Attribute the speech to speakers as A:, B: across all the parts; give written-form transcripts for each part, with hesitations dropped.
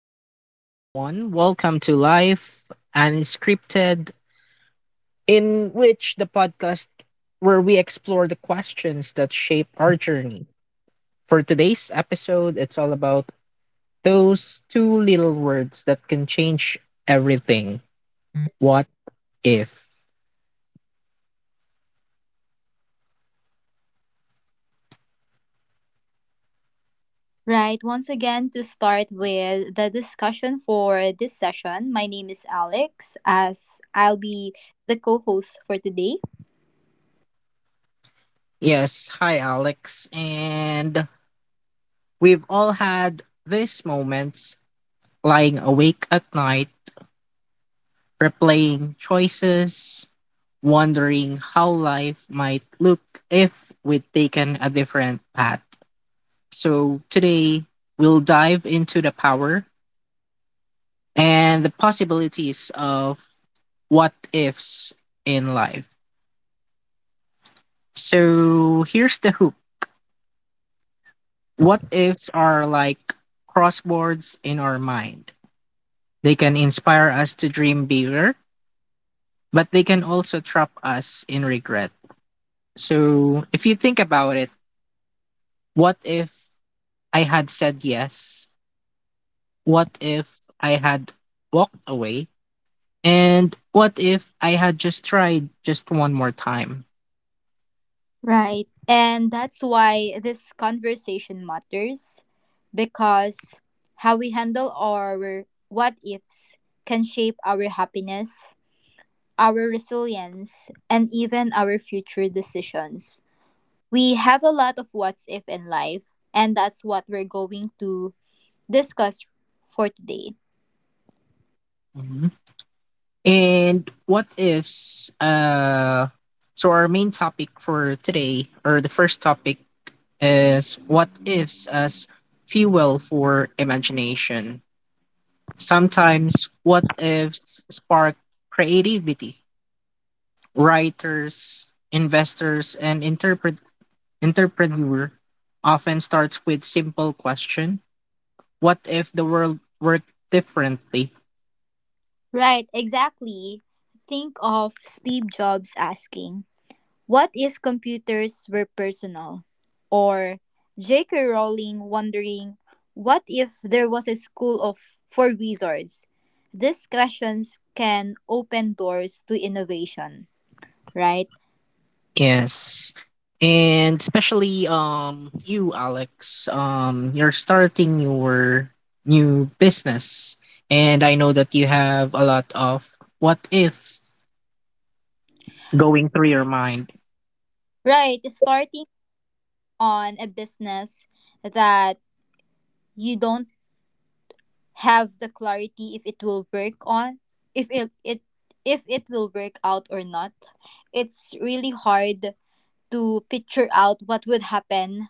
A: morning, everyone. Welcome to Life Unscripted, in which the podcast where we explore the questions that shape our journey. For today's episode, it's all about those two little words that can change everything. What if?
B: Right, once again, to start with the discussion for this session, my name is Alex, as I'll be the co host for today.
A: Yes, hi, Alex. And we've all had these moments lying awake at night, replaying choices, wondering how life might look if we'd taken a different path. So today, we'll dive into the power and the possibilities of what ifs in life. So here's the hook: what ifs are like crosswords in our mind. They can inspire us to dream bigger, but they can also trap us in regret. So if you think about it, what if I had said yes? What if I had walked away? And what if I had just tried just one more time?
B: Right, and that's why this conversation matters because how we handle our what ifs can shape our happiness, our resilience, and even our future decisions. We have a lot of what's if in life, and that's what we're going to discussed for today.
A: Mhm. And what ifs? So our main topic for today, or the first topic, is what ifs as fuel for imagination. Sometimes what ifs spark creativity. Writers, investors, and interpret entrepreneur often starts with simple question: what if the world worked differently?
B: Right, exactly. Think of Steve Jobs asking, what if computers were personal? Or J.K. Rowling wondering, what if there was a school of for wizards? These questions can open doors to innovation, right?
A: Yes, and especially, you, Alex, you're starting your new business, and I know that you have a lot of what ifs going through your mind.
B: Right, starting on a business that you don't have the clarity if it will work on if it, it if it will work out or not. It's really hard to picture out what would happen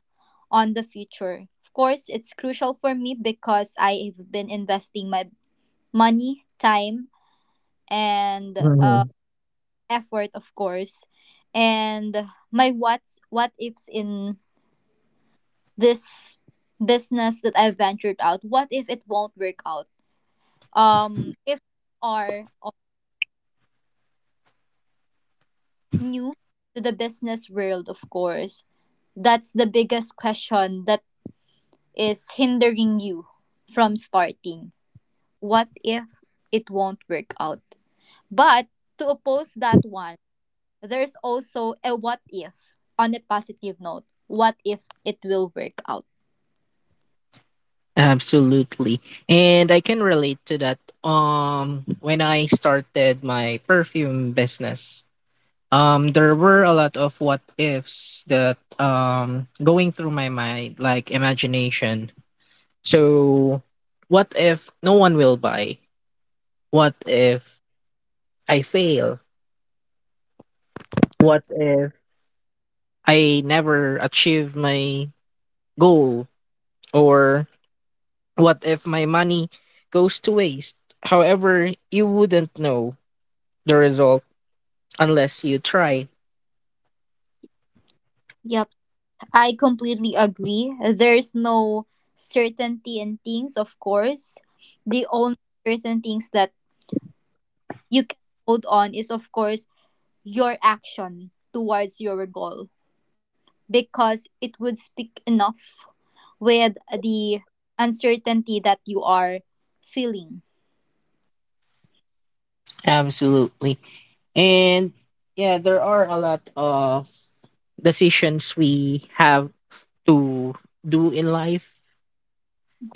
B: on the future. Of course it's crucial for me because I've been investing my money, time, and
A: Mhm.
B: effort, of course. And my what ifs in this business that I ventured out, what if it won't work out? If are new to the business world, of course. That's the biggest question that is hindering you from starting. What if it won't work out? But to oppose that one, there's also a what if on a positive note. What if it will work out?
A: Absolutely, and I can relate to that. When I started my perfume business, there were a lot of what ifs that going through my mind, like imagination. So, what if no one will buy? What if I fail? What if I never achieve my goal? Or what if my money goes to waste? However, you wouldn't know the result unless you try.
B: Yep, I completely agree. There's no certainty in things, of course. The only certain things that you can hold on is, of course, your action towards your goal, because it would speak enough with the uncertainty that you are feeling,
A: Absolutely. And yeah, there are a lot of decisions we have to do in life.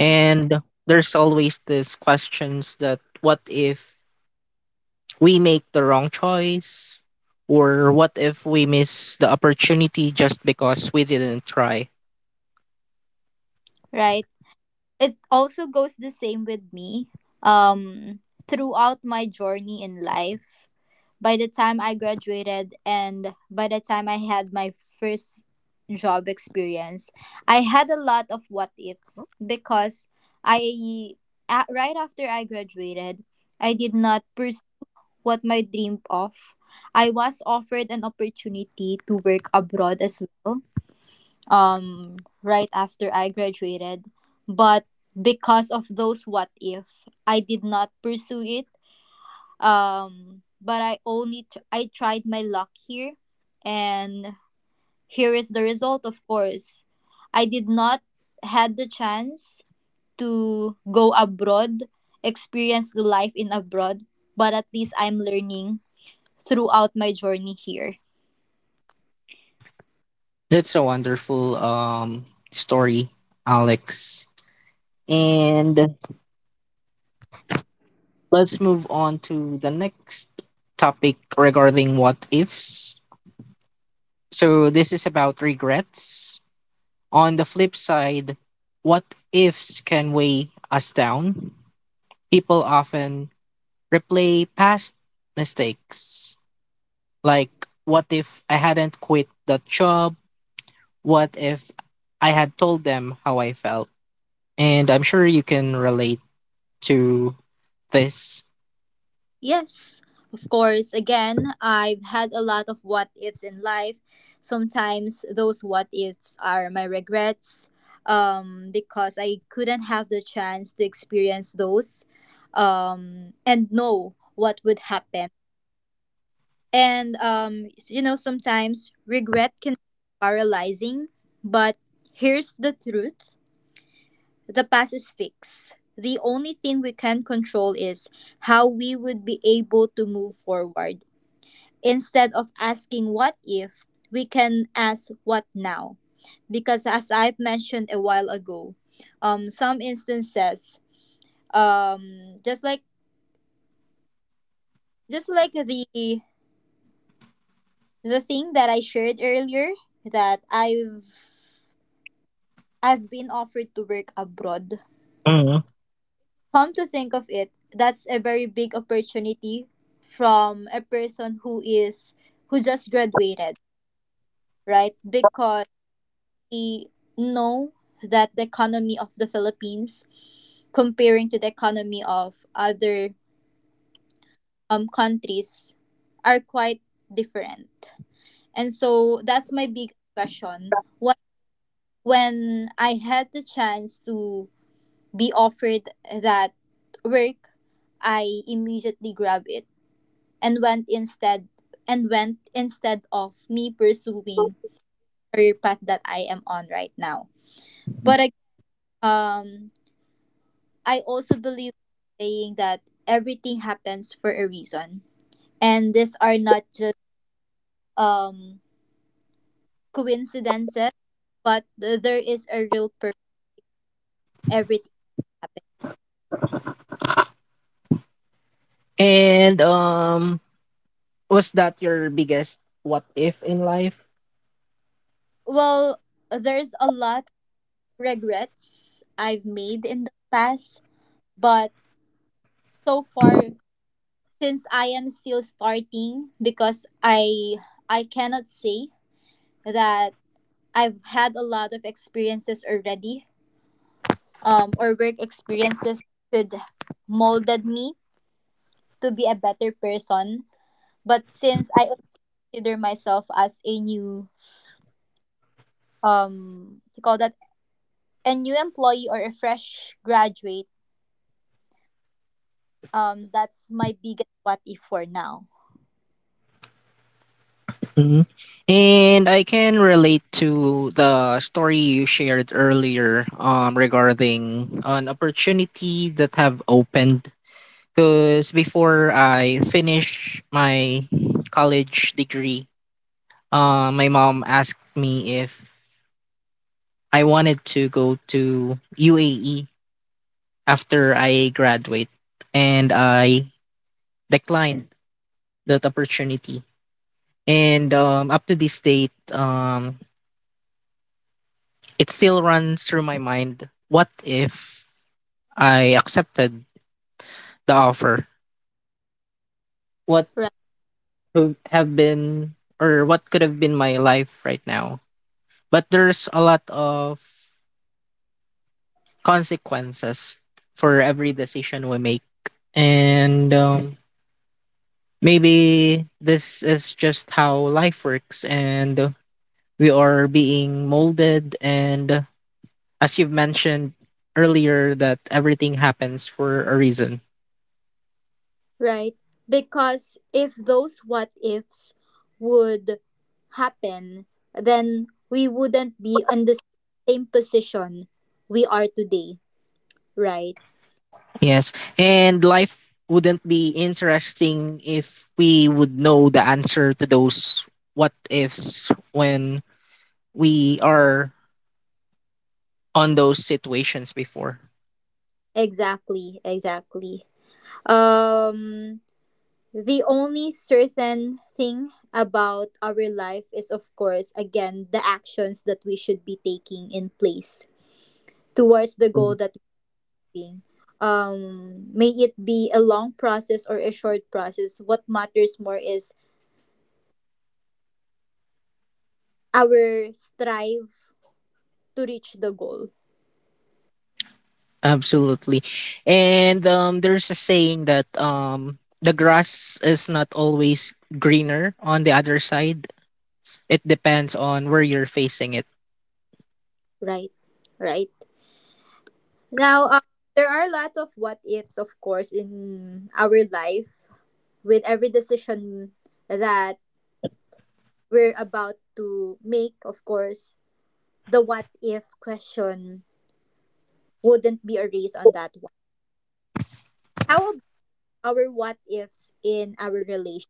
A: And there's always these questions that what if we make the wrong choice? Or what if we miss the opportunity just because we didn't try?
B: right? It also goes the same with me. Um, Throughout my journey in life, by the time I graduated and by the time I had my first job experience, I had a lot of what ifs. Because I, right after I graduated, I did not pursue what my dream of. I was offered an opportunity to work abroad as well, um, right after I graduated. But because of those what if, I did not pursue it. But I tried my luck here, and here is the result. Of course, I did not had the chance to go abroad, experience the life in abroad. But at least I'm learning throughout my journey here.
A: That's a wonderful story, Alex. And let's move on to the next topic regarding what ifs. So this is about regrets. On the flip side, what ifs can weigh us down. People often replay past mistakes. Like, what if I hadn't quit that job? What if I had told them how I felt? And I'm sure you can relate to this.
B: Yes, of course, again, I've had a lot of what ifs in life. Sometimes those what ifs are my regrets, because I couldn't have the chance to experience those, and know what would happen. And sometimes regret can be paralyzing. But here's the truth. The past is fixed. The only thing we can control is how we would be able to move forward. Instead of asking what if, we can ask what now. Because as I've mentioned a while ago, some instances, just like just like the the thing that I shared earlier, that I've been offered to work abroad.
A: Mhm.
B: Come to think of it, that's a very big opportunity from a person who just graduated, right? Because we know that the economy of the Philippines comparing to the economy of other countries are quite different. And so that's my big question. What when I had the chance to be offered that work, I immediately grab it and went instead of me pursuing career path that I am on right now. But um, I also believe saying that everything happens for a reason, and these are not just um coincidences, but there is a real purpose. Everything happens.
A: And was that your biggest what if in life?
B: Well, there's a lot regrets I've made in the past, but so far, since I am still starting, because I cannot say that I've had a lot of experiences already, or work experiences could molded me to be a better person. But since I also consider myself as a new, to call that, a new employee or a fresh graduate, that's my biggest what if for now.
A: Mhm. And I can relate to the story you shared earlier, regarding an opportunity that have opened. Because before I finish my college degree, my mom asked me if I wanted to go to UAE after I graduate, and I declined that opportunity. And up to this date, it still runs through my mind, what if I accepted the offer? What would have been or what could have been my life right now? But there's a lot of consequences for every decision we make. And maybe this is just how life works and we are being molded. And as you've mentioned earlier, that everything happens for a reason.
B: Right? Because if those what ifs would happen, then we wouldn't be on the same position we are today, right?
A: Yes. And life wouldn't be interesting if we would know the answer to those what ifs when we are on those situations before.
B: Exactly, exactly. Um the only certain thing about our life is, of course, again, the actions that we should be taking in place towards the goal
A: Mm.
B: that being. May it be a long process or a short process, what matters more is our strive to reach the goal,
A: Absolutely. And there's a saying that the grass is not always greener on the other side. It depends on where you're facing it.
B: right? Right. Now, there are a lot of what ifs, of course, in our life. With every decision that we're about to make, of course, the what if question wouldn't be a race on that one. How about our what ifs in our relation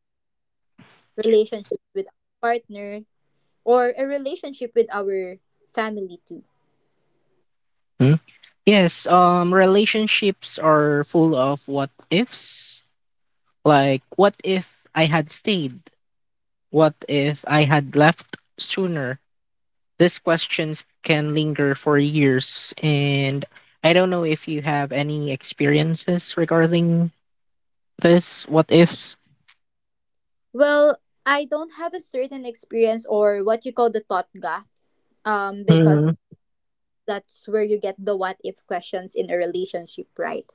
B: relationships with our partner, or a relationship with our family too?
A: Mm. Yes, relationships are full of what ifs. Like, what if I had stayed? What if I had left sooner? These questions can linger for years, and I don't know if you have any experiences regarding this what ifs.
B: Well, I don't have a certain experience or what you call the thought gap, because
A: Hmm.
B: that's where you get the what if questions in a relationship, right?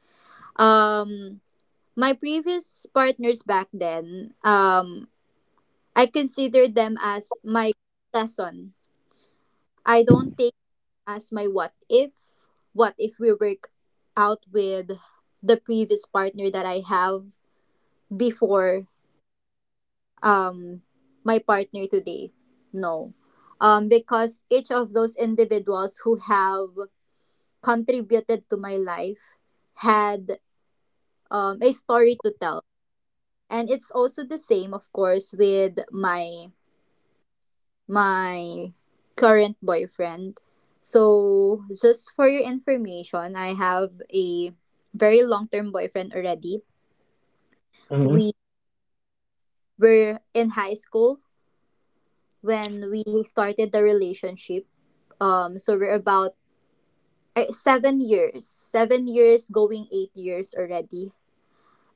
B: Um, my previous partners back then, I considered them as my lesson. I don't take as my what if. What if we work out with the previous partner that I have before, um my partner today? No, because each of those individuals who have contributed to my life had, a story to tell. And it's also the same, of course, with my current boyfriend. So just for your information, I have a very long-term boyfriend already.
A: Hmm.
B: We were in high school when we started the relationship, so we're about seven years going 8 years already.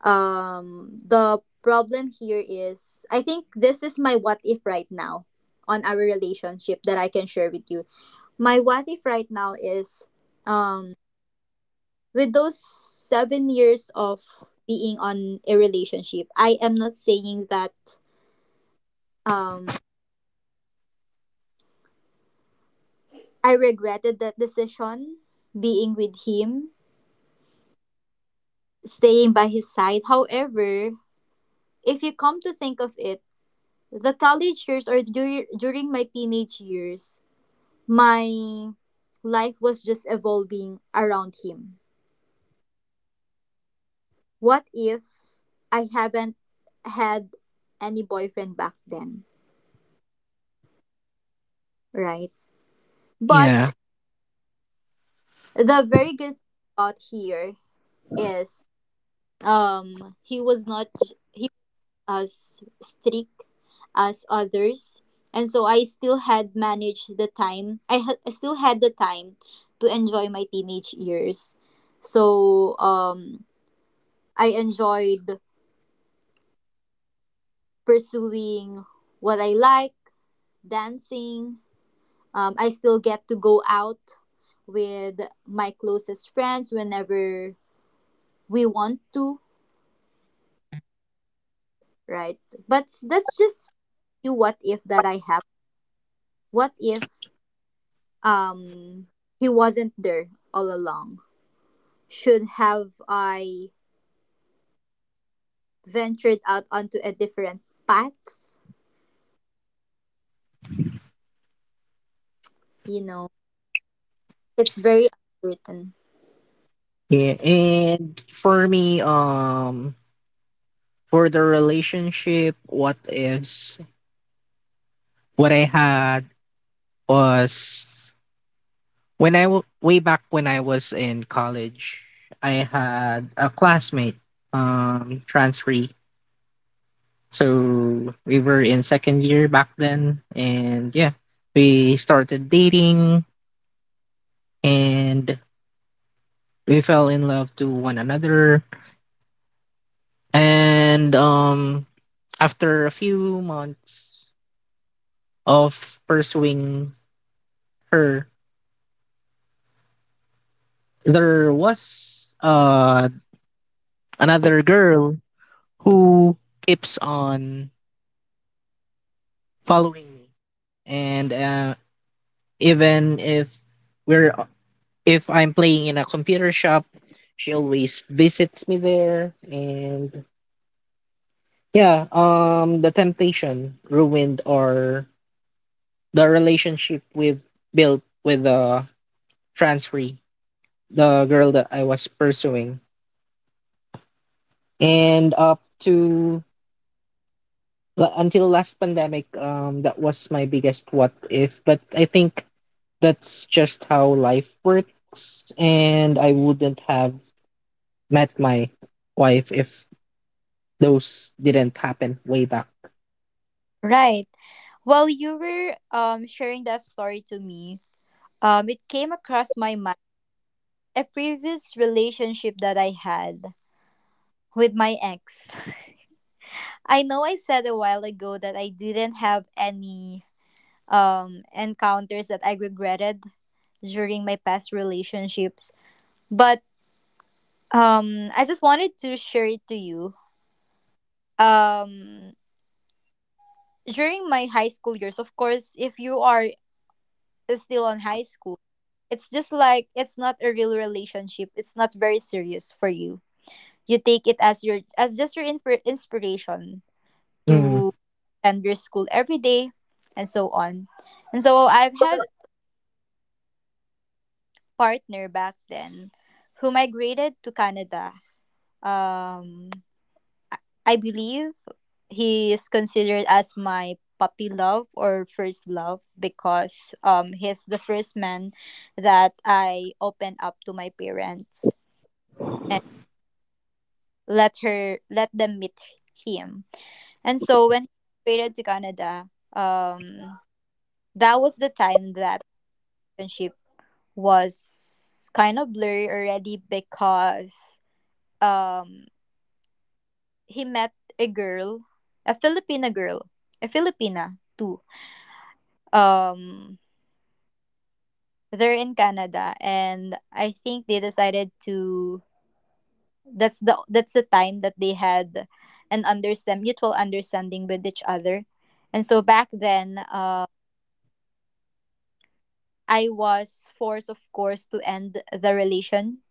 B: The problem here is, I think this is my what if right now on our relationship that I can share with you. My what if right now is, um with those 7 years of being on a relationship, I am not saying that, um I regretted that decision being with him, staying by his side. However, if you come to think of it, the college years, or during my teenage years, my life was just evolving around him. What if I haven't had any boyfriend back then, right? But
A: Yeah.
B: the very good thing about here is, he was not as strict as others, and so I still had managed the time, I still had the time to enjoy my teenage years. So, I enjoyed pursuing what I like, dancing. I still get to go out with my closest friends whenever we want to, right? But that's just you what if that I have. What if, um he wasn't there all along? Should have I ventured out onto a different path? You know, it's very uncertain.
A: Yeah. And for me, for the relationship what ifs, what I had was when way back when I was in college, I had a classmate, transferee. So we were in second year back then, and yeah, we started dating and we fell in love to one another. And after a few months of pursuing her, there was another girl who keeps on following me, and even we're if I'm playing in a computer shop, she always visits me there. And yeah, the temptation ruined our the relationship we've built with the transferee, the girl that I was pursuing, and up to until last pandemic, that was my biggest what if. But I think that's just how life works, and I wouldn't have met my wife if those didn't happen way back.
B: Right. While you were sharing that story to me, it came across my mind a previous relationship that I had with my ex. I know I said a while ago that I didn't have any encounters that I regretted during my past relationships, but I just wanted to share it to you. Um, during my high school years, of course, if you are still on high school, it's just like it's not a real relationship. It's not very serious for you. You take it as just your inspiration
A: Mm,
B: to attend your school every day, and so on. And so I've had partner back then, who migrated to Canada. Um, I believe he is considered as my puppy love or first love, because he's the first man that I opened up to my parents and let them meet him. And so when he migrated to Canada, um that was the time that relationship was kind of blurry already, because um he met a girl, a Filipina too, um they're in Canada, and I think they decided to, that's the time that they had an understand mutual understanding with each other. And so back then, I was forced, of course, to end the relation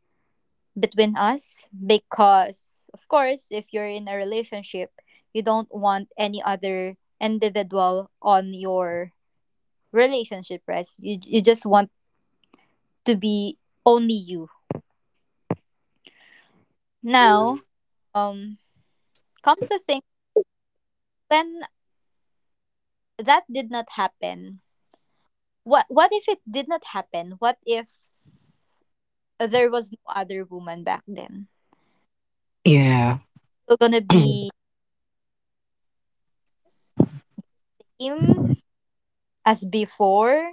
B: between us, because of course, if you're in a relationship, you don't want any other individual on your relationship, right? You just want to be only you now. Um, come to think, when that did not happen, what if it did not happen? What if there was no other woman back then?
A: yeah,
B: Still gonna be him as before?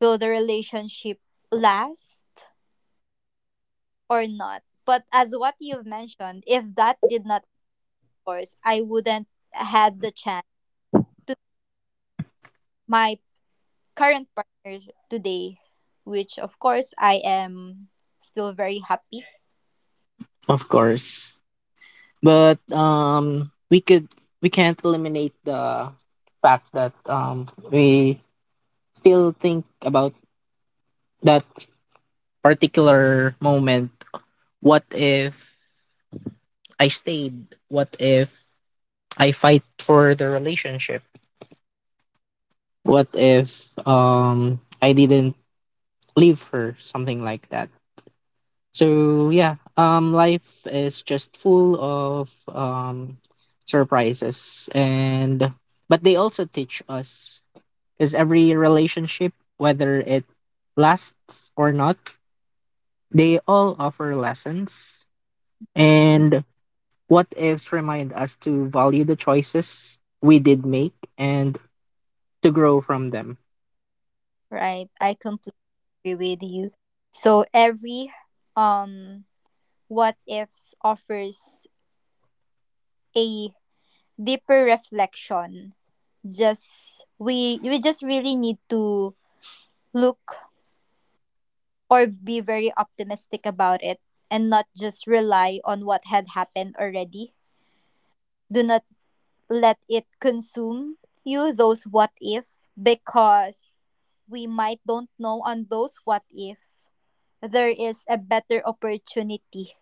B: Will the relationship last or not? But as what you've mentioned, if that did not course, I wouldn't had the chance to my current partner today, which of course I am still very happy.
A: of course. But we could we can't eliminate the fact that we still think about that particular moment. What if I stayed? What if I fight for the relationship? What if I didn't leave her? Something like that. So yeah, life is just full of surprises, and but they also teach us because every relationship, whether it lasts or not, they all offer lessons. And what ifs remind us to value the choices we did make and to grow from them.
B: Right, I completely agree with you. So every, um what ifs offers a deeper reflection. Just, we just really need to look or be very optimistic about it, and not just rely on what had happened already. Do not let it consume you those what if, because we might don't know on those what if there is a better opportunity.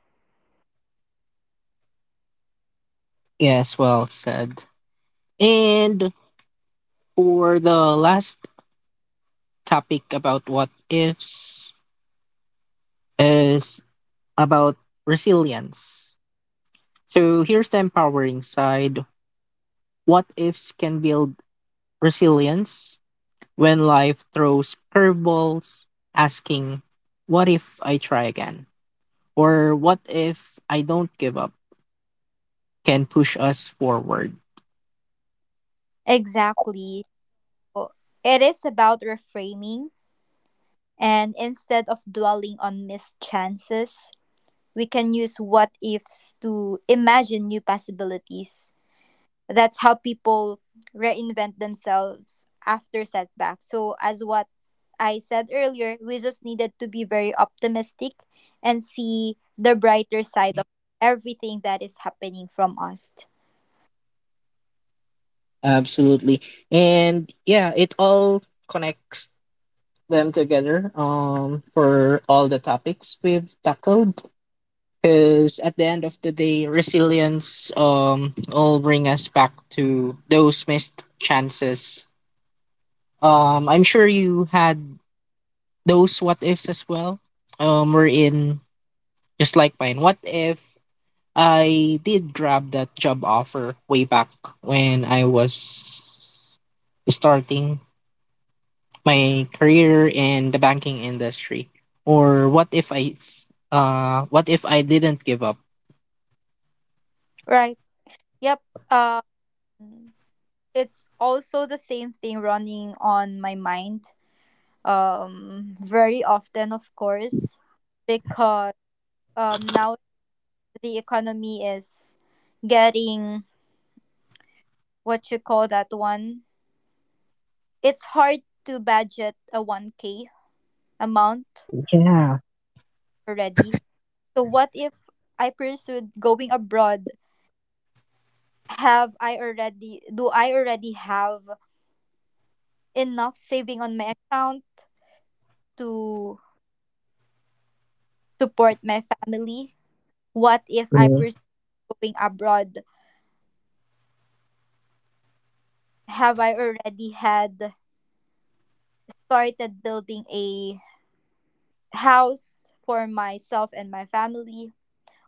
A: Yes, well said. And for the last topic about what ifs is about resilience. So here's the empowering side. What ifs can build resilience when life throws curveballs, asking, what if I try again? Or what if I don't give up? Can push us forward.
B: Exactly. So, it is about reframing, and instead of dwelling on missed chances, we can use what ifs to imagine new possibilities. That's how people reinvent themselves after setbacks. So, as what I said earlier, we just needed to be very optimistic and see the brighter side of everything that is happening from us.
A: Absolutely. And yeah, it all connects them together, for all the topics we've tackled. Because at the end of the day, resilience will bring us back to those missed chances. I'm sure you had those what ifs as well. We're in Just like mine. What if I did grab that job offer way back when I was starting my career in the banking industry? Or what if what if I didn't give up?
B: Right. Yep. Um, it's also the same thing running on my mind, very often, of course, because, now the economy is getting what you call that one. It's hard to budget a 1K amount
A: Yeah.
B: already. So, what if I pursued going abroad? Have I already, do I already have enough saving on my account to support my family? What if I pursue going abroad? Have I already had started building a house for myself and my family?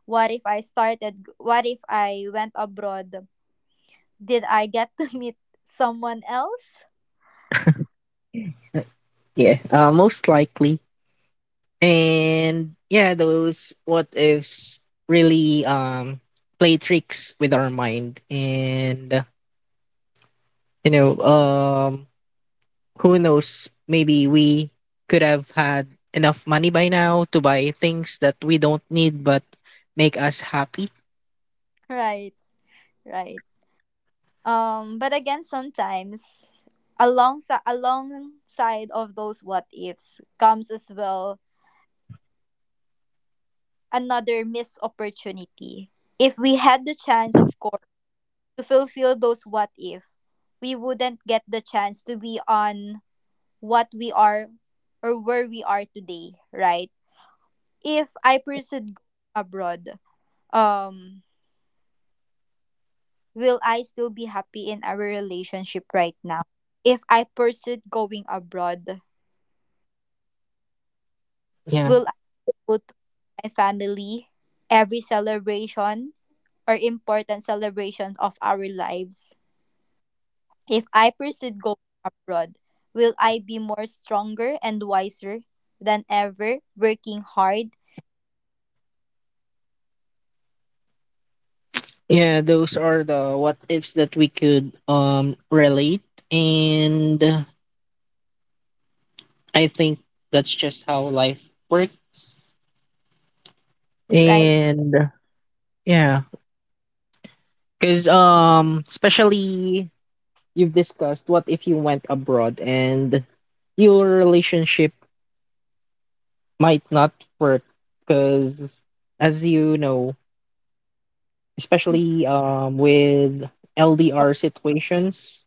B: What if I went abroad? Did I get to meet someone else?
A: Mm. Yeah, most likely. And yeah, those what ifs really play tricks with our mind, and you know, um who knows, maybe we could have had enough money by now to buy things that we don't need but make us happy.
B: Right, right. But again, sometimes alongside of those what ifs comes as well another missed opportunity. If we had the chance, of course, to fulfill those what if, we wouldn't get the chance to be on what we are or where we are today, right? If I pursued going abroad, um, will I still be happy in our relationship right now? If I pursued going abroad,
A: Yeah.
B: will I go to my family every celebration or important celebration of our lives? If I pursued going abroad, will I be more stronger and wiser than ever, working hard,
A: Yeah, those are the what ifs that we could relate, and I think that's just how life works.
B: right?
A: And yeah. Because especially you've discussed what if you went abroad and your relationship might not work because as you know, especially with LDR situations,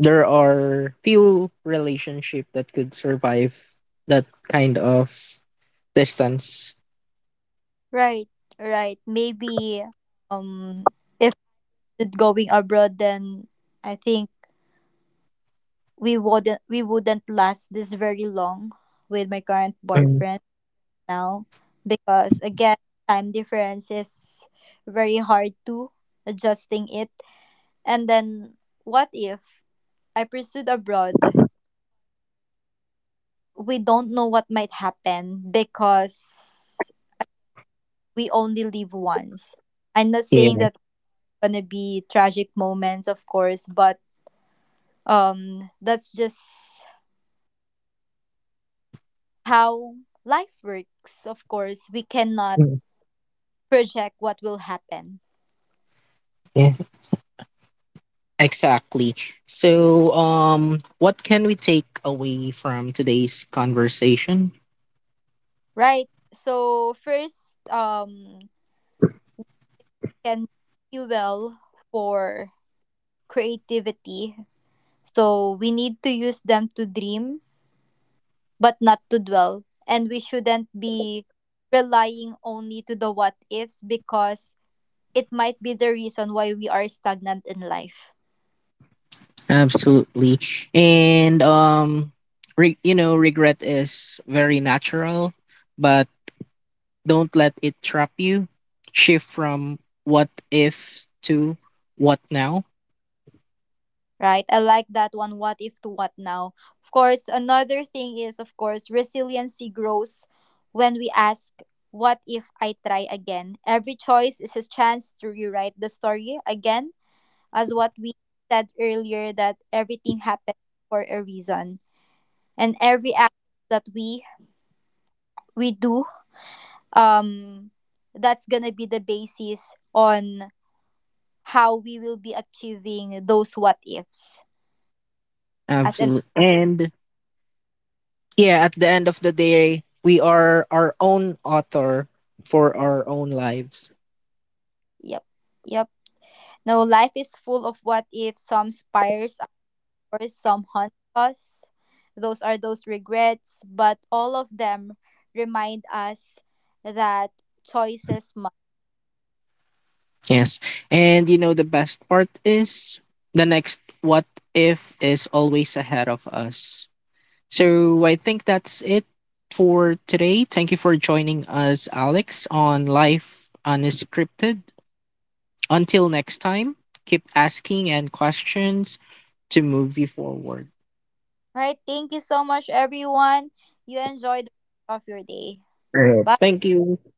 A: there are few relationship that could survive that kind of distance.
B: Right, right. Maybe um if it going abroad, then I think we wouldn't last this very long with my current
A: Mm,
B: boyfriend now, because again, time difference is very hard to adjusting it. And then what if I pursued abroad, we don't know what might happen, because we only live once. I'm not saying
A: yeah.
B: that gonna be tragic moments, of course, but that's just how life works. Of course, we cannot
A: Mm.
B: project what will happen,
A: Exactly. So, what can we take away from today's conversation?
B: right? So first, can fuel for creativity. So we need to use them to dream, but not to dwell. And we shouldn't be relying only to the what ifs, because it might be the reason why we are stagnant in life.
A: Absolutely. And regret is very natural, but don't let it trap you. Shift from what if to what now.
B: Right? I like that one. What if to what now? Of course, another thing is, of course, resiliency grows when we ask, what if I try again? Every choice is a chance to rewrite the story again, as what we said earlier, that everything happens for a reason. And every act that we do, um, that's gonna be the basis on how we will be achieving those what ifs. As an
A: Absolutely. And yeah, at the end of the day, we are our own author for our own lives.
B: yep. Yep. No, life is full of what if. Some spires ours, some haunt us. Those are those regrets, but all of them remind us that choices matter.
A: Yes. And you know, the best part is the next what if is always ahead of us. So I think that's it for today. Thank you for joining us, Alex, on Life Unscripted. Until next time, keep asking and questions to move you forward.
B: Right? Thank you so much, everyone. You enjoy the rest of your day. Bye.
A: Thank you.